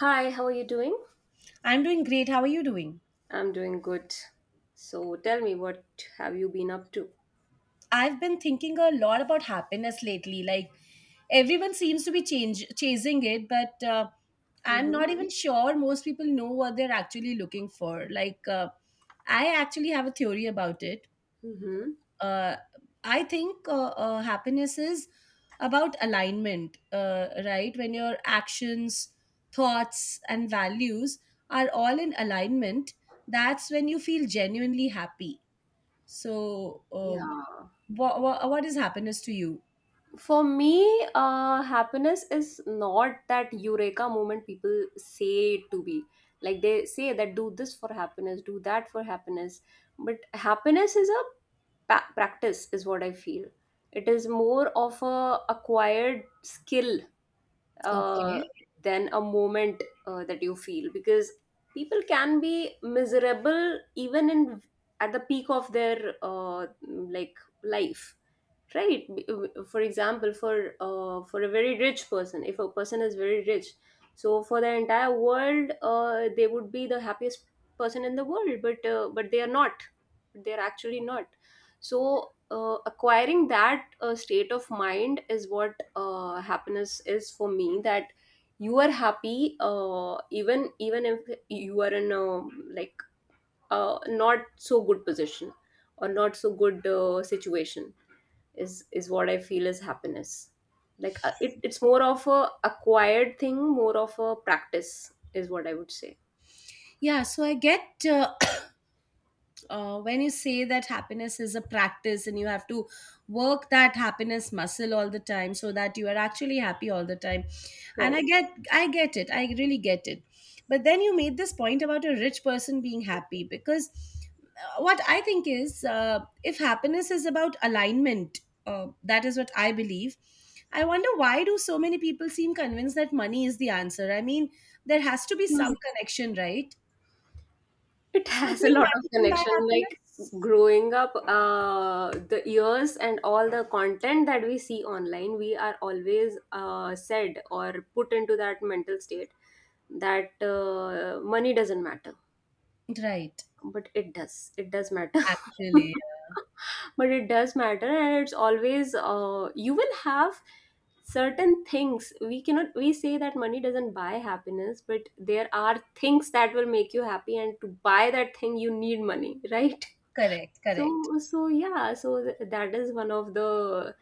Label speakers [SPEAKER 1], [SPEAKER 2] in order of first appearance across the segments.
[SPEAKER 1] Hi, how are you doing?
[SPEAKER 2] I'm doing great. How are you doing?
[SPEAKER 1] I'm doing good. So tell me, what have you been up to?
[SPEAKER 2] I've been thinking a lot about happiness lately. Like everyone seems to be chasing it, but I'm
[SPEAKER 1] Mm-hmm.
[SPEAKER 2] not even sure most people know what they're actually looking for. Like I actually have a theory about it.
[SPEAKER 1] Mm-hmm.
[SPEAKER 2] Uh, I think happiness is about alignment, right? When your actions, thoughts, and values are all in alignment, that's when you feel genuinely happy. So,
[SPEAKER 1] Yeah.
[SPEAKER 2] what is happiness to you?
[SPEAKER 1] For me, happiness is not that eureka moment people say it to be. Like they say that do this for happiness, do that for happiness. But happiness is a practice, is what I feel. It is more of a acquired skill uh,
[SPEAKER 2] Okay.
[SPEAKER 1] than a moment that you feel, because people can be miserable even in at the peak of their like life, right. For example, for a very rich person, if a person is very rich, so for the entire world, they would be the happiest person in the world, but they are not, they are actually not. So acquiring that state of mind is what happiness is for me, that you are happy, even if you are in a, like, not so good position or not so good situation is what I feel is happiness. It's more of a acquired thing, more of a practice is what I would say.
[SPEAKER 2] Yeah, so I get when you say that happiness is a practice and you have to work that happiness muscle all the time so that you are actually happy all the time, and
[SPEAKER 1] Right.
[SPEAKER 2] I get it, I really get it. But then, you made this point about a rich person being happy, because what I think is, if happiness is about alignment, that is what I believe. I wonder why do so many people seem convinced that money is the answer. I mean, there has to be some
[SPEAKER 1] Hmm.
[SPEAKER 2] connection, right?
[SPEAKER 1] It
[SPEAKER 2] Do you
[SPEAKER 1] has a
[SPEAKER 2] think
[SPEAKER 1] lot of
[SPEAKER 2] money can buy
[SPEAKER 1] connection. Like
[SPEAKER 2] happiness?
[SPEAKER 1] growing up, the years and all the content that we see online, we are always said or put into that mental state that money doesn't matter,
[SPEAKER 2] Right.
[SPEAKER 1] but it does. It does matter.
[SPEAKER 2] Actually, yeah.
[SPEAKER 1] But it does matter, and it's always, you will have certain things. We say that money doesn't buy happiness, but there are things that will make you happy, and to buy that thing you need money. Right?
[SPEAKER 2] Correct,
[SPEAKER 1] so
[SPEAKER 2] correct.
[SPEAKER 1] so yeah so th- that is one of the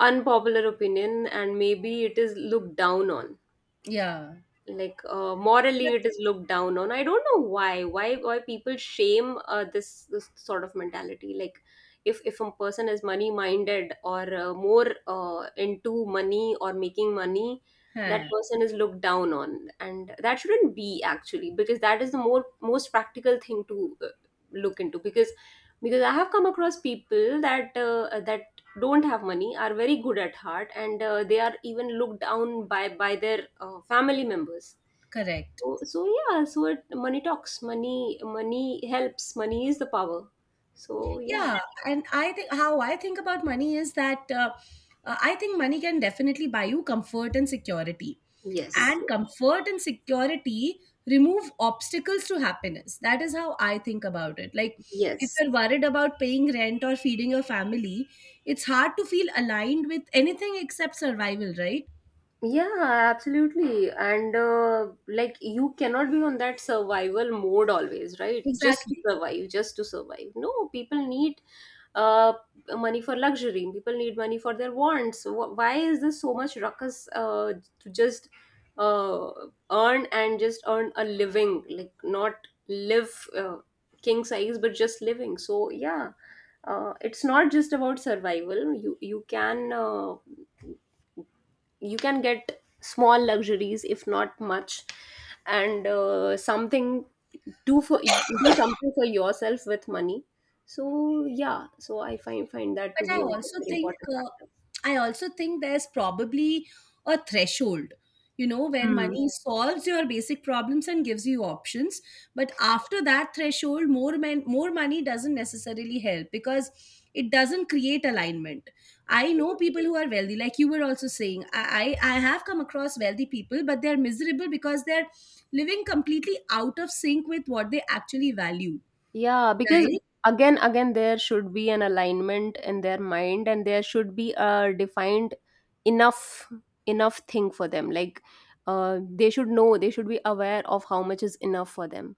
[SPEAKER 1] unpopular opinion, and maybe it is looked down on.
[SPEAKER 2] Yeah.
[SPEAKER 1] Like, morally
[SPEAKER 2] But.
[SPEAKER 1] it is looked down on. I don't know why people shame, this sort of mentality. Like, if a person is money minded or more into money or making money, that
[SPEAKER 2] Huh.
[SPEAKER 1] person is looked down on, and that shouldn't be, actually, because that is the more most practical thing to look into, because I have come across people that don't have money, are very good at heart, and they are even looked down by their family members.
[SPEAKER 2] Correct.
[SPEAKER 1] So yeah, so money talks, money helps, money is the power. So yeah.
[SPEAKER 2] Yeah, and I think how I think about money is that I think money can definitely buy you comfort and security.
[SPEAKER 1] Yes,
[SPEAKER 2] And comfort and security remove obstacles to happiness. That is how I think about it. Like, if
[SPEAKER 1] yes.
[SPEAKER 2] you're worried about paying rent or feeding your family, it's hard to feel aligned with anything except survival, right?
[SPEAKER 1] Yeah, absolutely. And like, you cannot be on that survival mode always, right? Just to
[SPEAKER 2] Exactly.
[SPEAKER 1] survive, just to survive. No, people need uh money for luxury. People need money for their wants. Why is this so much ruckus to just uh earn, and just earn a living, like not live king size, but just living. So yeah, it's not just about survival. You can, you can get small luxuries if not much, and something do for do something for yourself with money. So yeah, so I find that to
[SPEAKER 2] But
[SPEAKER 1] be a very important factor.
[SPEAKER 2] I also think there's probably a threshold, where
[SPEAKER 1] Hmm.
[SPEAKER 2] money solves your basic problems and gives you options, but after that threshold, more money doesn't necessarily help, because it doesn't create alignment. I know people who are wealthy. Like you were also saying, I have come across wealthy people, but they're miserable because they're living completely out of sync with what they actually value,
[SPEAKER 1] Yeah, because
[SPEAKER 2] right?
[SPEAKER 1] again, again, there should be an alignment in their mind, and there should be a defined enough enough thing for them. Like, they should know, they should be aware of how much is enough for them.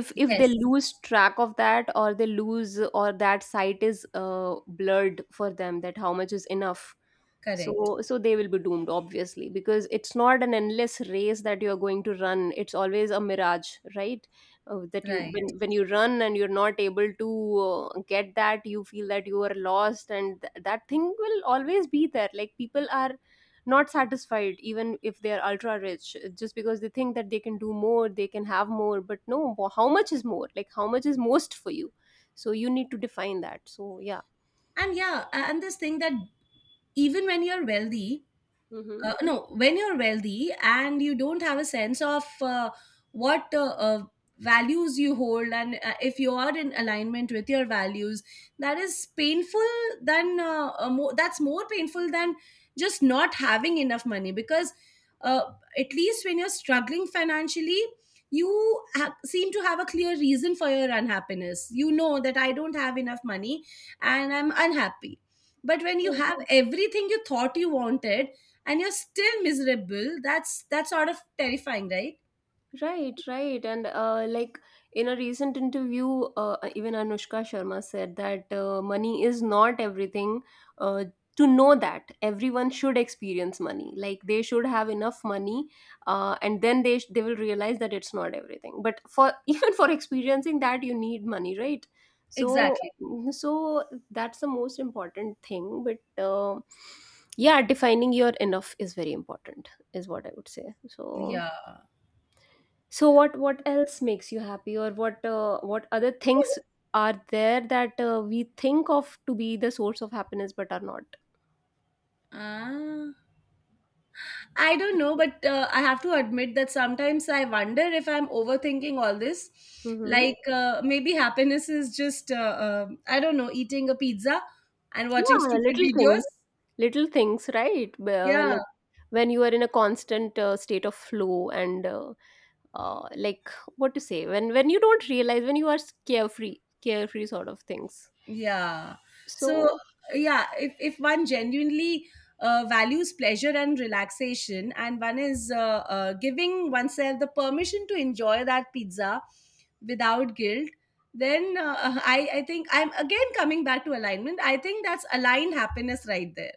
[SPEAKER 1] If they
[SPEAKER 2] Yes.
[SPEAKER 1] lose track of that, or they lose or that site is blurred for them, that how much is enough.
[SPEAKER 2] Correct.
[SPEAKER 1] So they will be doomed, obviously, because it's not an endless race that you are going to run. It's always a mirage, right? That you
[SPEAKER 2] Right.
[SPEAKER 1] When you run and you're not able to get that, you feel that you are lost, and that thing will always be there. Like, people are not satisfied even if they are ultra rich, just because they think that they can do more, they can have more. But no, how much is more, like how much is most for you? So you need to define that. So yeah.
[SPEAKER 2] And yeah, and this thing that even when you're wealthy,
[SPEAKER 1] Mm-hmm.
[SPEAKER 2] no, when you're wealthy and you don't have a sense of what values you hold, and if you are in alignment with your values, that is painful. That's more painful than just not having enough money, because uh, at least when you're struggling financially. You seem to have a clear reason for your unhappiness. You know that I don't have enough money and I'm unhappy. But when you have everything you thought you wanted, and you're still miserable, that's sort of terrifying, right?
[SPEAKER 1] Right, right. And like, in a recent interview, even Anushka Sharma said that money is not everything. Uh, to know that, everyone should experience money, like they should have enough money, and then they they will realize that it's not everything. But for even for experiencing that, you need money, right? So,
[SPEAKER 2] Exactly.
[SPEAKER 1] so that's the most important thing. But yeah, defining your enough is very important, is what I would say. So.
[SPEAKER 2] Yeah.
[SPEAKER 1] So what else makes you happy, or what other things are there that we think of to be the source of happiness but are not?
[SPEAKER 2] Ah, I don't know, but I have to admit that sometimes I wonder if I'm overthinking all this.
[SPEAKER 1] Mm-hmm.
[SPEAKER 2] Like maybe happiness is just I don't know, eating a pizza and watching
[SPEAKER 1] Yeah,
[SPEAKER 2] stupid videos.
[SPEAKER 1] little things, right?
[SPEAKER 2] Yeah,
[SPEAKER 1] Like, when you are in a constant, state of flow, and like, what to say, when you don't realize, when you are carefree, carefree sort of things.
[SPEAKER 2] yeah. So,
[SPEAKER 1] So
[SPEAKER 2] yeah, if one genuinely values pleasure and relaxation, and one is giving oneself the permission to enjoy that pizza without guilt, then I think I'm again coming back to alignment. I think that's aligned happiness right there.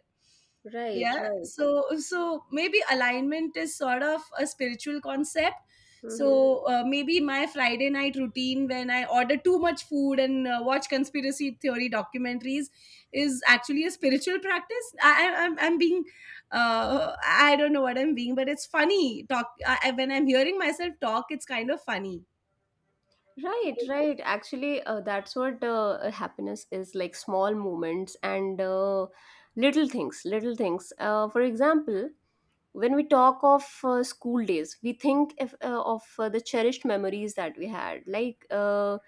[SPEAKER 1] right,
[SPEAKER 2] Yeah.
[SPEAKER 1] right.
[SPEAKER 2] So, maybe alignment is sort of a spiritual concept,
[SPEAKER 1] Mm-hmm.
[SPEAKER 2] so maybe my Friday night routine, when I order too much food and watch conspiracy theory documentaries, is actually a spiritual practice. I'm being I don't know what I'm being, but it's funny talk. When I'm hearing myself talk, it's kind of funny.
[SPEAKER 1] Right,
[SPEAKER 2] Right.
[SPEAKER 1] right. Actually, that's what happiness is, like small moments and little things, little things. For example, when we talk of school days, we think if, of the cherished memories that we had. Like,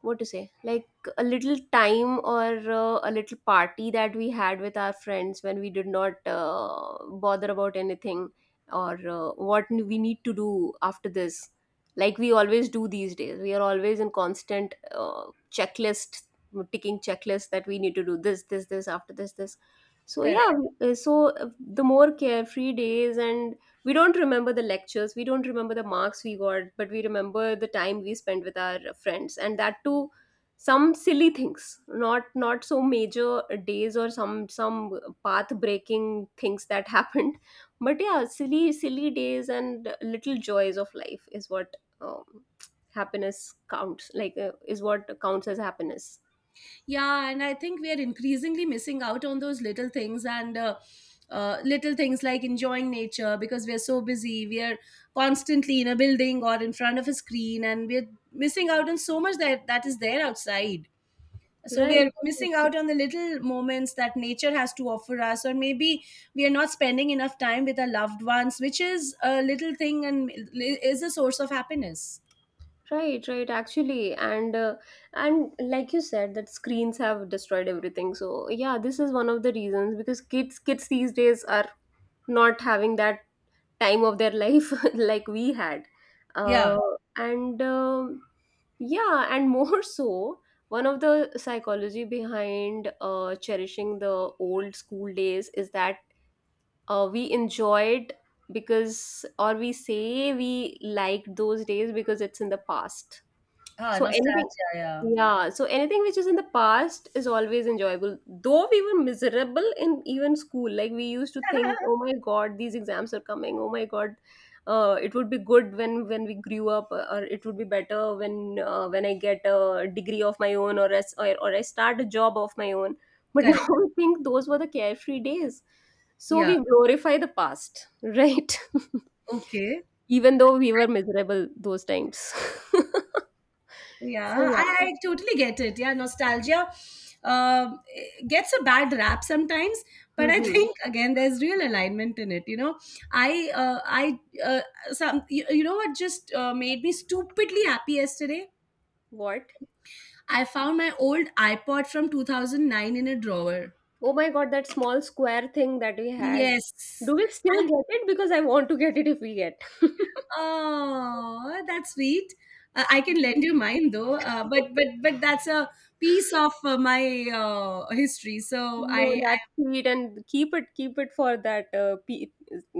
[SPEAKER 1] what to say, like a little time or a little party that we had with our friends, when we did not bother about anything or what we need to do after this, like we always do these days. We are always in constant, checklist, ticking checklist, that we need to do this, this, this after this, this. So yeah,
[SPEAKER 2] Correct.
[SPEAKER 1] the more carefree days, and we don't remember the lectures, we don't remember the marks we got, but we remember the time we spent with our friends, and that too some silly things, not so major days, or some path breaking things that happened. But yeah, silly, silly days and little joys of life is what um, happiness counts, like is what counts as happiness.
[SPEAKER 2] Yeah, and I think we are increasingly missing out on those little things, and little things like enjoying nature because we are so busy. We are constantly in a building or in front of a screen, and we're missing out on so much that that is there outside. So we are
[SPEAKER 1] Right.
[SPEAKER 2] missing out on the little moments that nature has to offer us, or maybe we are not spending enough time with our loved ones, which is a little thing and is a source of happiness.
[SPEAKER 1] Right, right, actually, and like you said, that screens have destroyed everything. So yeah, this is one of the reasons, because kids these days are not having that time of their life like we had,
[SPEAKER 2] Yeah.
[SPEAKER 1] uh, and yeah, and more so, one of the psychology behind cherishing the old school days is that we enjoyed because, or we say we liked those days because it's in the past.
[SPEAKER 2] Ah,
[SPEAKER 1] So anything,
[SPEAKER 2] nostalgia. Yeah.
[SPEAKER 1] yeah, so anything which is in the past is always enjoyable. Though we were miserable in even school, like we used to think, oh my God, these exams are coming. Oh my God, it would be good when we grew up, or it would be better when I get a degree of my own, or I start a job of my own. But now
[SPEAKER 2] Correct.
[SPEAKER 1] I think those were the carefree days. So we
[SPEAKER 2] Yeah.
[SPEAKER 1] glorify the past, right?
[SPEAKER 2] Okay.
[SPEAKER 1] Even though we were miserable those times. So
[SPEAKER 2] Yeah, I,
[SPEAKER 1] yeah.
[SPEAKER 2] I totally get it. Yeah, nostalgia uh, gets a bad rap sometimes, but I
[SPEAKER 1] Mhm.
[SPEAKER 2] think again there's real alignment in it. You know, I uh, I uh, you know what just made me stupidly happy yesterday.
[SPEAKER 1] What?
[SPEAKER 2] I found my old iPod from 2009 in a drawer.
[SPEAKER 1] Oh my God, that small square thing that we had.
[SPEAKER 2] Yes.
[SPEAKER 1] Do we still
[SPEAKER 2] And
[SPEAKER 1] get it? Because I want to get it if we get.
[SPEAKER 2] oh, that's sweet. I can lend you mine though. But that's a piece of my history. So
[SPEAKER 1] No,
[SPEAKER 2] I.
[SPEAKER 1] that's sweet, and keep it for that pe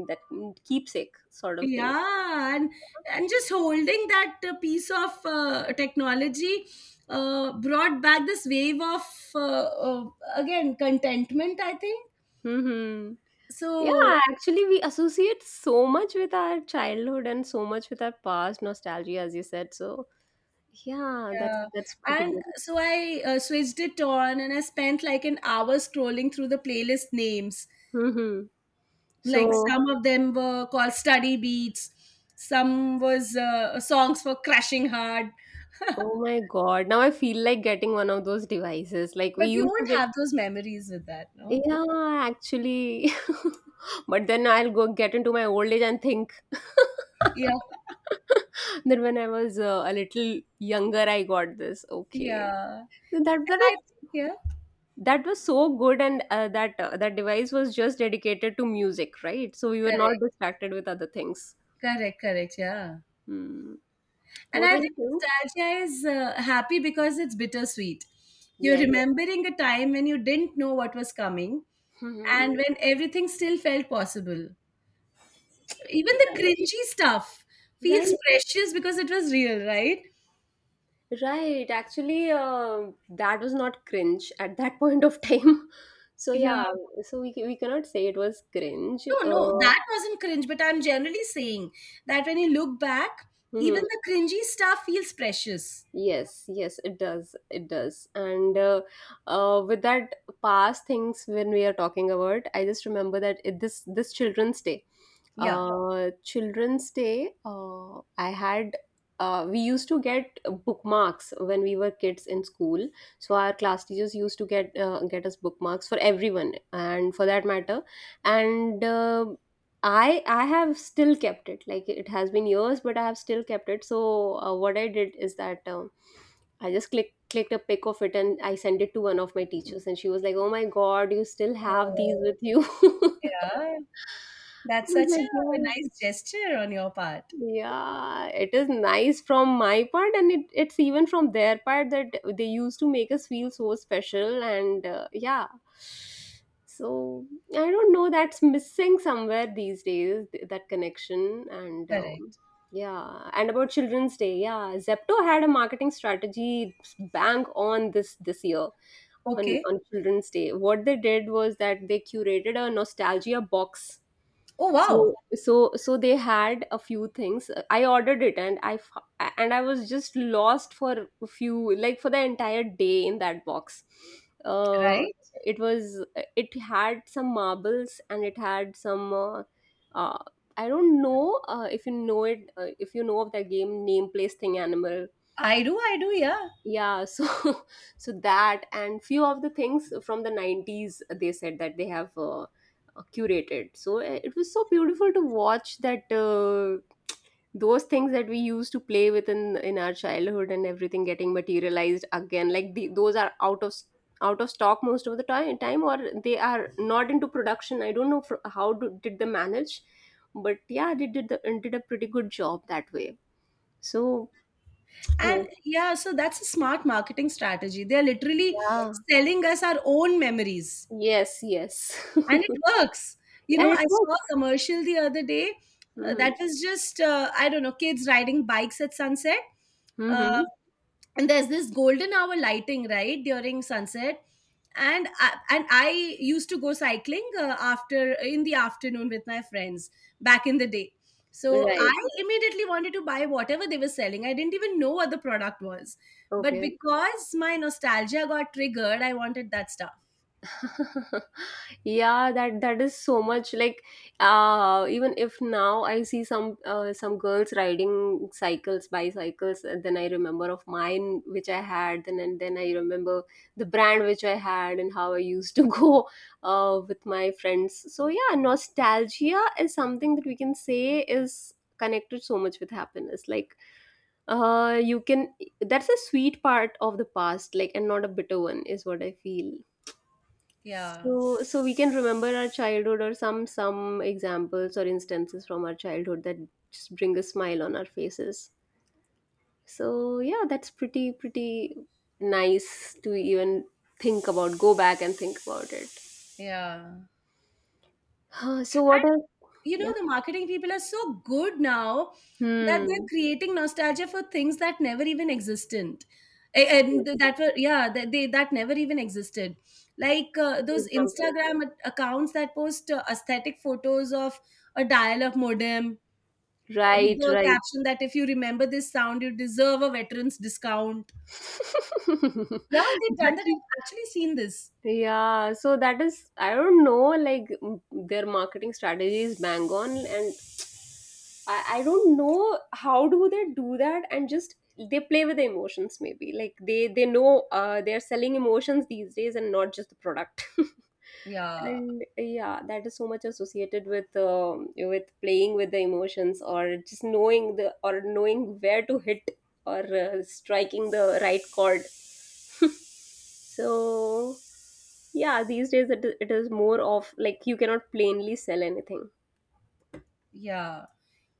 [SPEAKER 1] that keepsake sort of thing.
[SPEAKER 2] Yeah, and just holding that piece of technology brought back this wave of uh, uh, again contentment, I think.
[SPEAKER 1] Mm-hmm. Yeah,
[SPEAKER 2] So
[SPEAKER 1] actually, we associate so much with our childhood, and so much with our past nostalgia, as you said. So yeah, that's
[SPEAKER 2] yeah,
[SPEAKER 1] that's pretty
[SPEAKER 2] and
[SPEAKER 1] good.
[SPEAKER 2] so I switched it on, and I spent like an hour scrolling through the playlist names.
[SPEAKER 1] Mm-hmm.
[SPEAKER 2] Like
[SPEAKER 1] So,
[SPEAKER 2] some of them were called study beats, some was songs for crushing hard.
[SPEAKER 1] oh my God. Now I feel like getting one of those devices, like we
[SPEAKER 2] But you
[SPEAKER 1] used to
[SPEAKER 2] won't
[SPEAKER 1] get,
[SPEAKER 2] have those memories with that, no?
[SPEAKER 1] yeah, actually. But then I'll go get into my old age and think,
[SPEAKER 2] Yeah,
[SPEAKER 1] then when I was, a little younger, I got this. Okay.
[SPEAKER 2] yeah, and
[SPEAKER 1] So that was
[SPEAKER 2] I, yeah.
[SPEAKER 1] that was so good, and that device was just dedicated to music, right? So we were not
[SPEAKER 2] Correct.
[SPEAKER 1] distracted with other things.
[SPEAKER 2] Correct, correct, yeah.
[SPEAKER 1] Hmm.
[SPEAKER 2] And
[SPEAKER 1] What
[SPEAKER 2] I
[SPEAKER 1] were
[SPEAKER 2] think
[SPEAKER 1] you saying?
[SPEAKER 2] nostalgia is happy because it's bittersweet. You're
[SPEAKER 1] Yes.
[SPEAKER 2] remembering a time when you didn't know what was coming
[SPEAKER 1] Mm-hmm.
[SPEAKER 2] and when everything still felt possible. Even the
[SPEAKER 1] Right.
[SPEAKER 2] cringy stuff feels
[SPEAKER 1] Right.
[SPEAKER 2] precious because it was real, right?
[SPEAKER 1] Right. Actually, that was not cringe at that point of time. So yeah,
[SPEAKER 2] Yeah.
[SPEAKER 1] so we cannot say it was cringe.
[SPEAKER 2] No, no, that wasn't cringe, but I'm generally saying that when you look back, even
[SPEAKER 1] Mm-hmm.
[SPEAKER 2] the cringy stuff feels precious.
[SPEAKER 1] Yes, yes, it does. It does. And with that past things, when we are talking about, I just remember that this Children's Day.
[SPEAKER 2] Yeah.
[SPEAKER 1] Children's Day, I had. We used to get bookmarks when we were kids in school. So our class teachers used to get us bookmarks for everyone, and for that matter, and I have still kept it. Like it has been years, but I have still kept it. So what I did is that I just clicked a pic of it and I sent it to one of my teachers, and she was like, "Oh my God, you still have these
[SPEAKER 2] Oh,
[SPEAKER 1] with you."
[SPEAKER 2] yeah.
[SPEAKER 1] I
[SPEAKER 2] That's
[SPEAKER 1] was
[SPEAKER 2] such
[SPEAKER 1] like,
[SPEAKER 2] a
[SPEAKER 1] Yeah,
[SPEAKER 2] nice gesture on your part.
[SPEAKER 1] yeah, it is nice from my part, and it's even from their part that they used to make us feel so special. And yeah, so I don't know, that's missing somewhere these days that connection. And
[SPEAKER 2] Correct.
[SPEAKER 1] Yeah, and about Children's Day, yeah, Zepto had a marketing strategy bang on this year on
[SPEAKER 2] Okay.
[SPEAKER 1] on Children's Day. What they did was that they curated a nostalgia box,
[SPEAKER 2] Oh, wow.
[SPEAKER 1] so so they had a few things. I ordered it, and and I was just lost for a few, like, for the entire day in that box. uh
[SPEAKER 2] Right?
[SPEAKER 1] it was, it had some marbles and it had some uh I don't know, if you know it, if you know of the game Name, Place, Thing, Animal.
[SPEAKER 2] I do, yeah.
[SPEAKER 1] Yeah, so so that, and few of the things from the 90s, they said that they have curated. So it was so beautiful to watch that, those things that we used to play with in our childhood and everything getting materialized again, like, the, those are out of out of stock most of the time, or they are not into production. I don't know fr how do, did they manage? But yeah, they did did a pretty good job that way. So
[SPEAKER 2] And
[SPEAKER 1] oh,
[SPEAKER 2] yeah, so that's a smart marketing strategy. They're literally
[SPEAKER 1] yeah.
[SPEAKER 2] selling us our own memories,
[SPEAKER 1] Yes, yes.
[SPEAKER 2] and it works. You
[SPEAKER 1] And
[SPEAKER 2] know,
[SPEAKER 1] it
[SPEAKER 2] I saw a
[SPEAKER 1] works.
[SPEAKER 2] commercial the other day,
[SPEAKER 1] Hmm.
[SPEAKER 2] that was just, I don't know, kids riding bikes at sunset. Uh,
[SPEAKER 1] Hmm.
[SPEAKER 2] and there's this golden hour lighting right during sunset, and I used to go cycling after in the afternoon with my friends back in the day. So
[SPEAKER 1] Right.
[SPEAKER 2] I immediately wanted to buy whatever they were selling. I didn't even know what the product was, but
[SPEAKER 1] Okay.
[SPEAKER 2] because my nostalgia got triggered, I wanted that stuff.
[SPEAKER 1] Yeah, that that is so much like, even if now I see some girls riding cycles, bicycles, and then I remember of mine which I had, then and then I remember the brand which I had and how I used to go with my friends. So yeah, nostalgia is something that we can say is connected so much with happiness. Like, you can, that's a sweet part of the past, like, and not a bitter one is what I feel.
[SPEAKER 2] Yeah.
[SPEAKER 1] So we can remember our childhood or some examples or instances from our childhood that just bring a smile on our faces. So yeah, that's pretty nice to even think about, go back and think about it.
[SPEAKER 2] Yeah.
[SPEAKER 1] Huh, so what else?
[SPEAKER 2] You
[SPEAKER 1] Yeah.
[SPEAKER 2] know, the marketing people are so good now that they're
[SPEAKER 1] Hmm.
[SPEAKER 2] creating nostalgia for things that never even existed. A- and th-
[SPEAKER 1] Yes.
[SPEAKER 2] that were Yeah, that never even existed. Like those
[SPEAKER 1] Example.
[SPEAKER 2] Instagram accounts that post aesthetic photos of a dial-up modem, with
[SPEAKER 1] Right,
[SPEAKER 2] the
[SPEAKER 1] right.
[SPEAKER 2] caption that if you remember this sound, you deserve a veterans discount. Yeah, they've
[SPEAKER 1] That.
[SPEAKER 2] done that. I've actually seen this.
[SPEAKER 1] Yeah, so that is, I don't know, like their marketing strategy is bang on. And I don't know how do they do that, and just they play with the emotions, maybe, like, they know, they're selling emotions these days and not just the product.
[SPEAKER 2] Yeah.
[SPEAKER 1] And yeah, that is so much associated with playing with the emotions or just knowing the, or knowing where to hit, or striking the right chord. So yeah, these days it is more of like you cannot plainly sell anything.
[SPEAKER 2] Yeah.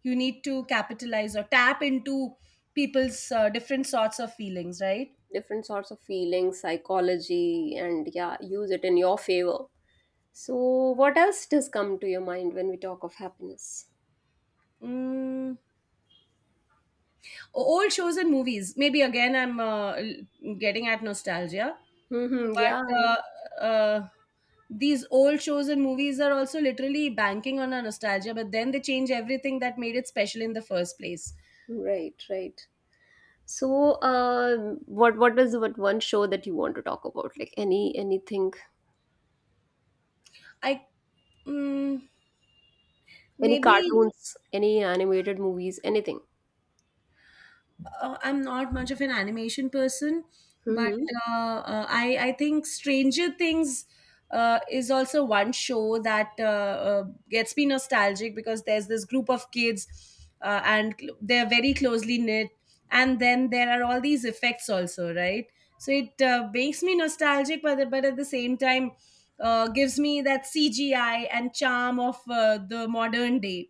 [SPEAKER 2] You need to capitalize or tap into people's different sorts of feelings, right?
[SPEAKER 1] Different sorts of feelings, psychology, and yeah, use it in your favor. So, what else does come to your mind when we talk of happiness?
[SPEAKER 2] mm, Old shows and movies, maybe again I'm getting at nostalgia.
[SPEAKER 1] Mm-hmm, yeah,
[SPEAKER 2] But these old shows and movies are also literally banking on our nostalgia, but then they change everything that made it special in the first place.
[SPEAKER 1] right, right. So, what is what one show that you want to talk about? Like, anything,
[SPEAKER 2] i mm,
[SPEAKER 1] any
[SPEAKER 2] Maybe,
[SPEAKER 1] cartoons, any animated movies, anything?
[SPEAKER 2] I'm not much of an animation person, but
[SPEAKER 1] Mm-hmm.
[SPEAKER 2] I think Stranger Things is also one show that gets me nostalgic, because there's this group of kids, and they're very closely knit, and then there are all these effects also, right? So it makes me nostalgic, but at the same time, gives me that CGI and charm of the modern day.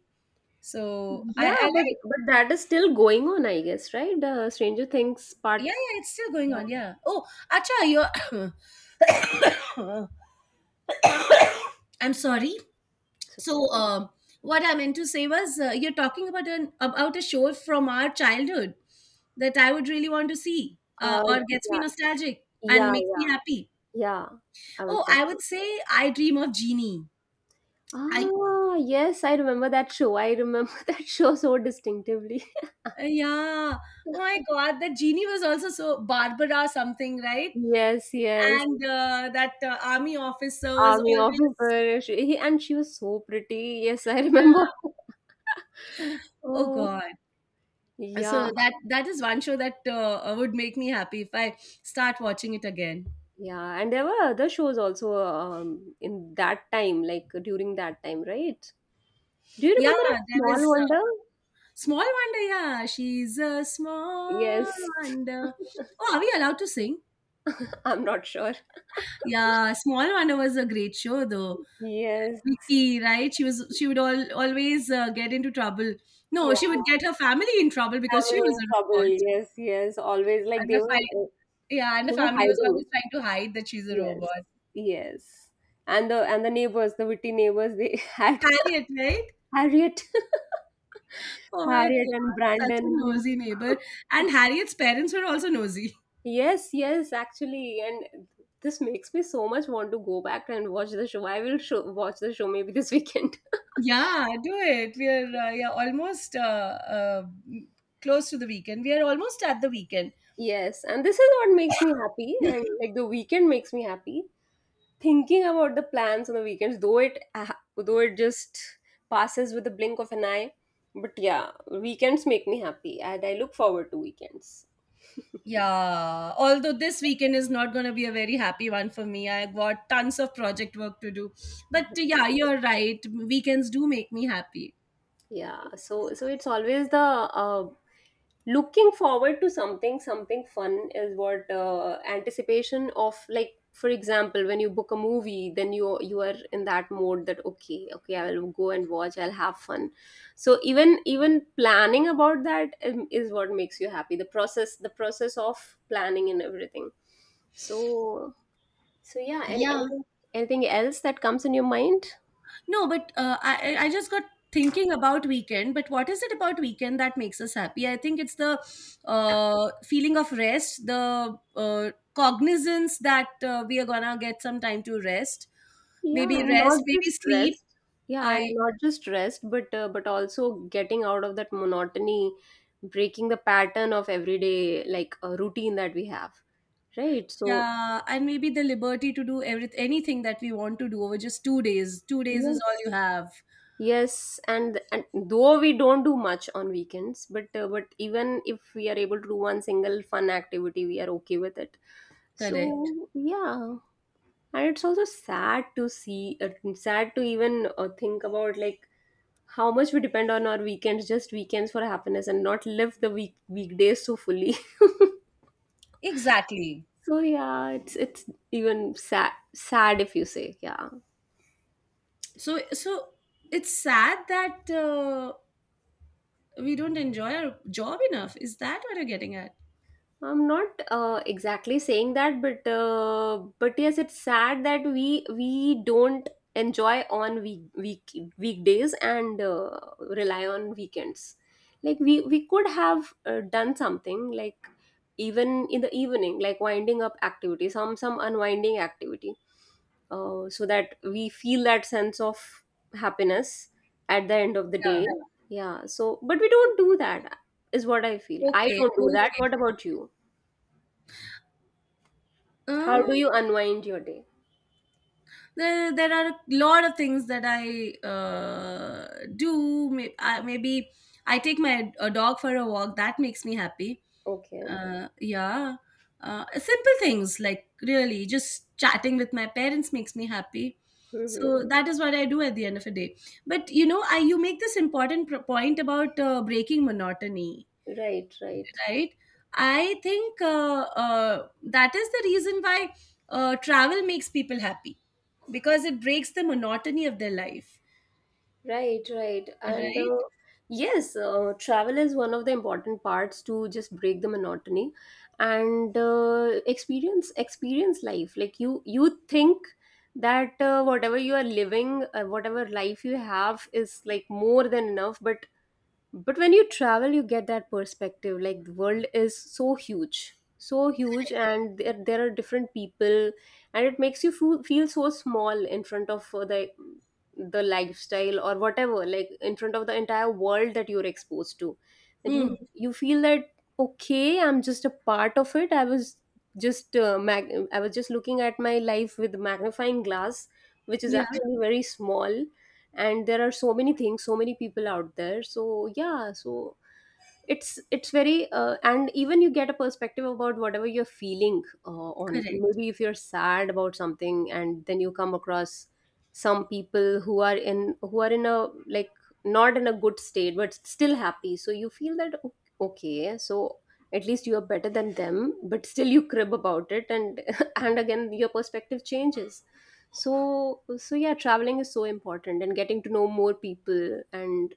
[SPEAKER 2] So I,
[SPEAKER 1] Yeah,
[SPEAKER 2] I like.
[SPEAKER 1] but that is still going on, I guess, right? Stranger Things
[SPEAKER 2] Yeah,
[SPEAKER 1] part.
[SPEAKER 2] yeah, it's still going on. Yeah. Oh, acha, you're. I'm sorry.
[SPEAKER 1] It's okay.
[SPEAKER 2] So, what I meant to say was, you're talking about an about a show from our childhood that I would really want to see,
[SPEAKER 1] Uh,
[SPEAKER 2] or gets me
[SPEAKER 1] yeah,
[SPEAKER 2] nostalgic and
[SPEAKER 1] yeah,
[SPEAKER 2] makes me
[SPEAKER 1] yeah,
[SPEAKER 2] happy.
[SPEAKER 1] yeah. I was
[SPEAKER 2] Oh, I would
[SPEAKER 1] watching.
[SPEAKER 2] say I dream of Genie. I,
[SPEAKER 1] Ah, yes, I remember that show. I remember that show so distinctively.
[SPEAKER 2] yeah. Oh my God, that Genie was also so Barbara something, right?
[SPEAKER 1] Yes, yes.
[SPEAKER 2] And that army officer was
[SPEAKER 1] Army
[SPEAKER 2] always,
[SPEAKER 1] officer. And she was so pretty. Yes, I
[SPEAKER 2] yeah.
[SPEAKER 1] remember.
[SPEAKER 2] Oh
[SPEAKER 1] Oh,
[SPEAKER 2] God.
[SPEAKER 1] yeah,
[SPEAKER 2] So that is one show that would make me happy if I start watching it again.
[SPEAKER 1] yeah. And there were other shows also in that time, like during that time, right? Do you
[SPEAKER 2] Yeah,
[SPEAKER 1] remember a
[SPEAKER 2] there
[SPEAKER 1] Small
[SPEAKER 2] was
[SPEAKER 1] Wonder?
[SPEAKER 2] Small Wonder. Yeah, she's a Small
[SPEAKER 1] Yes.
[SPEAKER 2] Wonder. Oh, are we allowed to sing?
[SPEAKER 1] I'm not sure.
[SPEAKER 2] Yeah, Small Wonder was a great show though.
[SPEAKER 1] Yes.
[SPEAKER 2] Vicky, right? She would all always get into trouble. No,
[SPEAKER 1] Yeah.
[SPEAKER 2] she would get her family in trouble because she
[SPEAKER 1] Family
[SPEAKER 2] was
[SPEAKER 1] in
[SPEAKER 2] a
[SPEAKER 1] trouble.
[SPEAKER 2] robot,
[SPEAKER 1] Yes, yes. Always, like,
[SPEAKER 2] and her fi- yeah, and the
[SPEAKER 1] they were
[SPEAKER 2] family was always
[SPEAKER 1] hiding.
[SPEAKER 2] trying to hide that she's a
[SPEAKER 1] Yes,
[SPEAKER 2] robot.
[SPEAKER 1] yes. And the neighbors, the witty neighbors, they had
[SPEAKER 2] Harriet, right?
[SPEAKER 1] Harriet,
[SPEAKER 2] Oh my
[SPEAKER 1] Harriet and
[SPEAKER 2] God, such a
[SPEAKER 1] Brandon.
[SPEAKER 2] nosy neighbor. And Harriet's parents were also nosy.
[SPEAKER 1] Yes, yes, actually, and this makes me so much want to go back and watch the show. I will show, watch the show maybe this weekend.
[SPEAKER 2] Yeah, do it. We are yeah, almost close to the weekend. We are almost at the weekend.
[SPEAKER 1] Yes, and this is what makes me happy, and like the weekend makes me happy. Thinking about the plans on the weekends, though it just passes with the blink of an eye. But yeah, weekends make me happy and I look forward to weekends.
[SPEAKER 2] Yeah, although this weekend is not going to be a very happy one for me. I've got tons of project work to do. But yeah, you're right. Weekends do make me happy.
[SPEAKER 1] Yeah, so it's always the, looking forward to something, something fun is what, anticipation of, like, for example, when you book a movie, then you are in that mode that okay, I will go and watch, I'll have fun. So even planning about that, is what makes you happy, the process, of planning and everything. So so yeah,
[SPEAKER 2] Yeah.
[SPEAKER 1] anything, anything else that comes in your mind?
[SPEAKER 2] No, but I just got thinking about weekend. But what is it about weekend that makes us happy? I think it's the feeling of rest, the cognizance that we are gonna get some time to
[SPEAKER 1] Yeah, and not
[SPEAKER 2] rest, maybe
[SPEAKER 1] just
[SPEAKER 2] sleep.
[SPEAKER 1] rest. Yeah, and
[SPEAKER 2] I
[SPEAKER 1] not just rest, but also getting out of that monotony, breaking the pattern of everyday, like a routine that we have, right? So
[SPEAKER 2] Yeah, and maybe the liberty to do everything, anything that we want to do over just 2 days. 2 days is all
[SPEAKER 1] yes,
[SPEAKER 2] you have.
[SPEAKER 1] yes, and though we don't do much on weekends, but even if we are able to do one single fun activity, we are okay with it.
[SPEAKER 2] Correct.
[SPEAKER 1] So yeah, and it's also sad to see, sad to even think about, like, how much we depend on our weekends, just weekends for happiness, and not live the weekdays so fully.
[SPEAKER 2] Exactly.
[SPEAKER 1] So yeah, it's even sad if you say, yeah,
[SPEAKER 2] So it's sad that we don't enjoy our job enough. Is that what you're getting at?
[SPEAKER 1] I'm not exactly saying that, but yes, it's sad that we don't enjoy on weekdays and rely on weekends, like, we could have done something like even in the evening, like winding up activity, some unwinding activity, so that we feel that sense of happiness at the end of the
[SPEAKER 2] Yeah.
[SPEAKER 1] day. Yeah. So, but we don't do that, is what I feel. I
[SPEAKER 2] Okay.
[SPEAKER 1] don't do that.
[SPEAKER 2] Okay.
[SPEAKER 1] What about you? How do
[SPEAKER 2] Um,
[SPEAKER 1] you unwind your day?
[SPEAKER 2] there are a lot of things that I do. Maybe I take my a dog for a walk. That makes me happy.
[SPEAKER 1] Okay.
[SPEAKER 2] Yeah. Simple things like really just chatting with my parents makes me happy.
[SPEAKER 1] Mm-hmm.
[SPEAKER 2] So that is what I do at the end of the day. But you know, I you make this important point about breaking monotony,
[SPEAKER 1] Right, right.
[SPEAKER 2] right? I think that is the reason why travel makes people happy because it breaks the monotony of their life,
[SPEAKER 1] Right, right. And
[SPEAKER 2] right?
[SPEAKER 1] yes, travel is one of the important parts to just break the monotony, and experience life. Like, you think that whatever you are living, whatever life you have is, like, more than enough, but when you travel, you get that perspective. Like, the world is so huge, and there are different people, and it makes you feel so small in front of the lifestyle or whatever, like in front of the entire world that you're exposed to. That
[SPEAKER 2] Hmm.
[SPEAKER 1] you feel that okay, I'm just a part of it. I was just mag- I was just looking at my life with magnifying glass, which is
[SPEAKER 2] Yeah,
[SPEAKER 1] actually very small, and there are so many things, so many people out there. So yeah, so it's very, and even you get a perspective about whatever you're feeling, on,
[SPEAKER 2] correct.
[SPEAKER 1] maybe if you're sad about something and then you come across some people who are in a, like, not in a good state, but still happy. So you feel that okay, so at least you are better than them, but still you crib about it, and and again your perspective changes. So so yeah, traveling is so important, and getting to know more people, and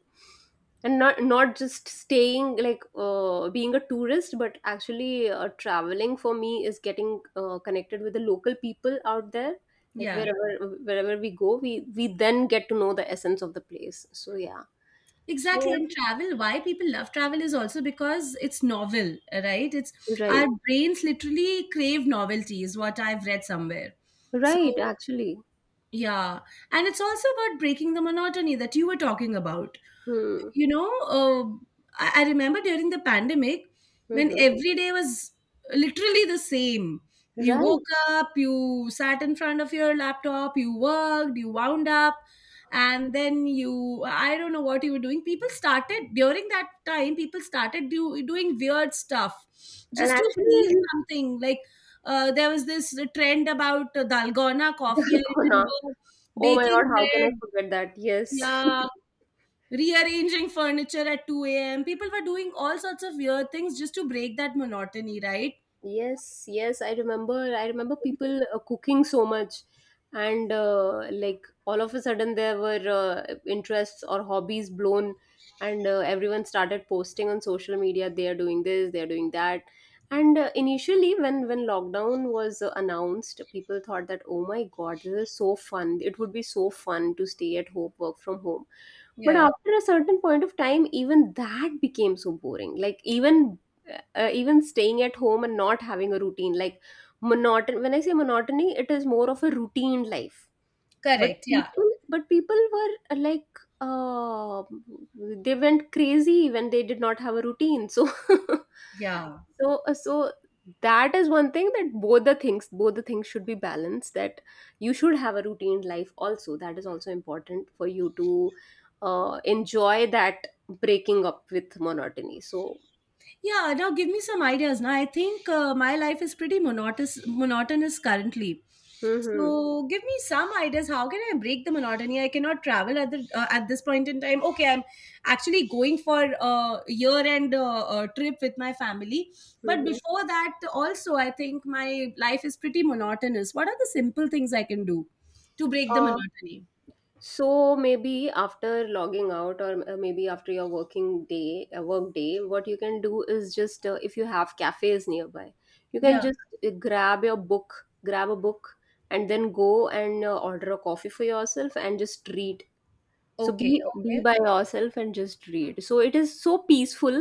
[SPEAKER 1] not just staying, like, being a tourist, but actually, traveling for me is getting connected with the local people out there, like,
[SPEAKER 2] Yeah,
[SPEAKER 1] wherever we go, we then get to know the essence of the place. So yeah, so
[SPEAKER 2] exactly. And travel, why people love travel is also because it's novel, right? It's
[SPEAKER 1] right,
[SPEAKER 2] our brains literally crave novelty, is what I've read somewhere.
[SPEAKER 1] right.
[SPEAKER 2] So,
[SPEAKER 1] Actually.
[SPEAKER 2] yeah. And it's also about breaking the monotony that you were talking about.
[SPEAKER 1] Hmm.
[SPEAKER 2] You know, uh, I remember during the pandemic when
[SPEAKER 1] Hmm.
[SPEAKER 2] every day was literally the same. You
[SPEAKER 1] Right,
[SPEAKER 2] woke up, you sat in front of your laptop, you worked, you wound up, and then you, I don't know what you were doing. People started, during that time, people started doing weird stuff
[SPEAKER 1] and
[SPEAKER 2] just to feel
[SPEAKER 1] actually
[SPEAKER 2] something. Like there was this trend about dalgona coffee, I
[SPEAKER 1] dalkona.
[SPEAKER 2] remember,
[SPEAKER 1] Oh my
[SPEAKER 2] baking
[SPEAKER 1] God, how can I
[SPEAKER 2] bread,
[SPEAKER 1] forget that? Yes.
[SPEAKER 2] yeah, rearranging furniture at 2 a.m. People were doing all sorts of weird things just to break that monotony, right?
[SPEAKER 1] Yes, yes, I remember. I remember people cooking so much, and like all of a sudden there were interests or hobbies blown, and everyone started posting on social media. They are doing this, they are doing that, and initially, when lockdown was announced, people thought that oh my God, this is so fun. It would be so fun to stay at home, work from home. But
[SPEAKER 2] Yeah.
[SPEAKER 1] after a certain point of time, even that became so boring. Like, even even staying at home and not having a routine, like, monoton when I say monotony, it is more of a routine life. But
[SPEAKER 2] Correct. Yeah.
[SPEAKER 1] people were, they went crazy when they did not have a routine. So
[SPEAKER 2] Yeah.
[SPEAKER 1] so that is one thing, that both the things, should be balanced, that you should have a routine life also. That is also important for you to enjoy that breaking up with monotony. So
[SPEAKER 2] Yeah, now give me some ideas. Now I think my life is pretty monotonous currently.
[SPEAKER 1] mm-hmm,
[SPEAKER 2] So give me some ideas. How can I break the monotony? I cannot travel at the at this point in time. Okay, I'm actually going for a year-end trip with my family. But
[SPEAKER 1] mm-hmm.
[SPEAKER 2] before that, also I think my life is pretty monotonous. What are the simple things I can do to break the
[SPEAKER 1] Uh,
[SPEAKER 2] monotony?
[SPEAKER 1] so maybe after logging out, or maybe after your working day, work day, what you can do is just, if you have cafes nearby, you can
[SPEAKER 2] Yeah.
[SPEAKER 1] just grab a book and then go and order a coffee for yourself, and just read. So
[SPEAKER 2] Okay.
[SPEAKER 1] be
[SPEAKER 2] Okay.
[SPEAKER 1] by yourself and just read. So it is so peaceful,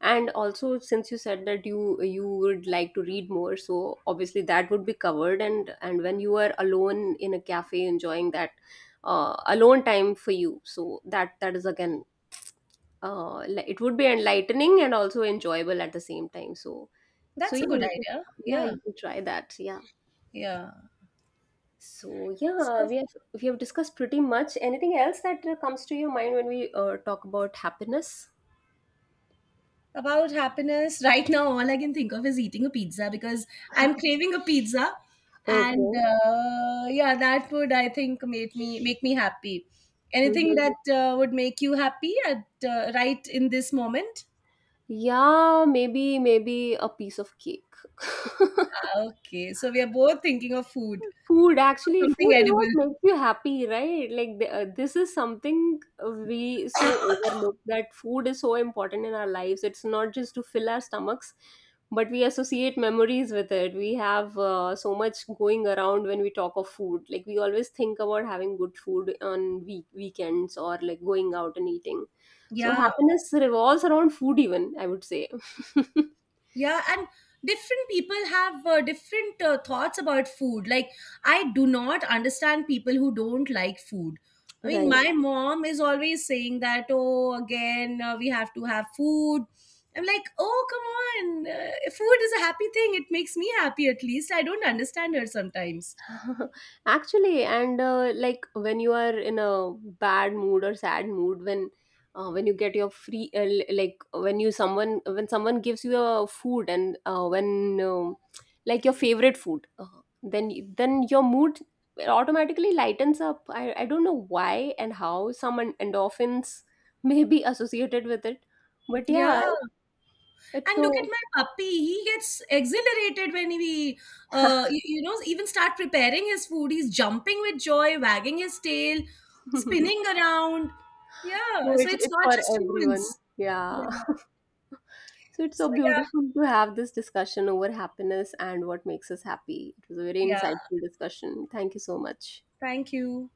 [SPEAKER 1] and also since you said that you would like to read more, so obviously that would be covered. And when you are alone in a cafe enjoying that, alone time for you, so that is again it would be enlightening and also enjoyable at the same time. So so
[SPEAKER 2] That's a
[SPEAKER 1] yeah,
[SPEAKER 2] good
[SPEAKER 1] you can,
[SPEAKER 2] idea.
[SPEAKER 1] yeah,
[SPEAKER 2] Yeah.
[SPEAKER 1] you can try that. Yeah,
[SPEAKER 2] Yeah.
[SPEAKER 1] so yeah,
[SPEAKER 2] So.
[SPEAKER 1] we have discussed pretty much. Anything else that comes to your mind when we talk about happiness?
[SPEAKER 2] About happiness, right now, all I can think of is eating a pizza because I'm craving a pizza, and
[SPEAKER 1] Okay.
[SPEAKER 2] yeah, that would I think make me happy. Anything
[SPEAKER 1] Mhm.
[SPEAKER 2] that would make you happy at right in this moment?
[SPEAKER 1] Yeah, maybe maybe a piece of cake.
[SPEAKER 2] Okay, so we are both thinking of food,
[SPEAKER 1] Food, actually,
[SPEAKER 2] something
[SPEAKER 1] food is what
[SPEAKER 2] edible.
[SPEAKER 1] makes you happy, right? Like, the, this is something we so overlook that food is so important in our lives. It's not just to fill our stomachs, but we associate memories with it. We have so much going around when we talk of food. Like, we always think about having good food on weekends or like going out and eating. So,
[SPEAKER 2] Yeah.
[SPEAKER 1] happiness revolves around food, even, I would say.
[SPEAKER 2] Yeah, and different people have different thoughts about food. Like, I do not understand people who don't like food. I mean, Yeah.
[SPEAKER 1] Right.
[SPEAKER 2] My mom is always saying that, oh, again, we have to have food. I'm like, oh, come on. Food is a happy thing. It makes me happy, at least. I don't understand her sometimes.
[SPEAKER 1] Actually, and like, when you are in a bad mood or sad mood, when you get your free, like when you someone when someone gives you a food, and when um like your favorite food, then then your mood automatically lightens up. I don't know why and how, some endorphins may be associated with it, but yeah,
[SPEAKER 2] Yeah.
[SPEAKER 1] it's
[SPEAKER 2] And look at
[SPEAKER 1] so
[SPEAKER 2] my puppy. He gets exhilarated when we, you, you know, even start preparing his food. He's jumping with joy, wagging his tail, spinning around.
[SPEAKER 1] so
[SPEAKER 2] Yeah. So it's
[SPEAKER 1] it's
[SPEAKER 2] not
[SPEAKER 1] for
[SPEAKER 2] just
[SPEAKER 1] everyone.
[SPEAKER 2] humans. Yeah.
[SPEAKER 1] Yeah. So it's so
[SPEAKER 2] So, yeah.
[SPEAKER 1] beautiful to have this discussion over happiness and what makes us happy. It was a very
[SPEAKER 2] Yeah.
[SPEAKER 1] insightful discussion. Thank you so much.
[SPEAKER 2] Thank you.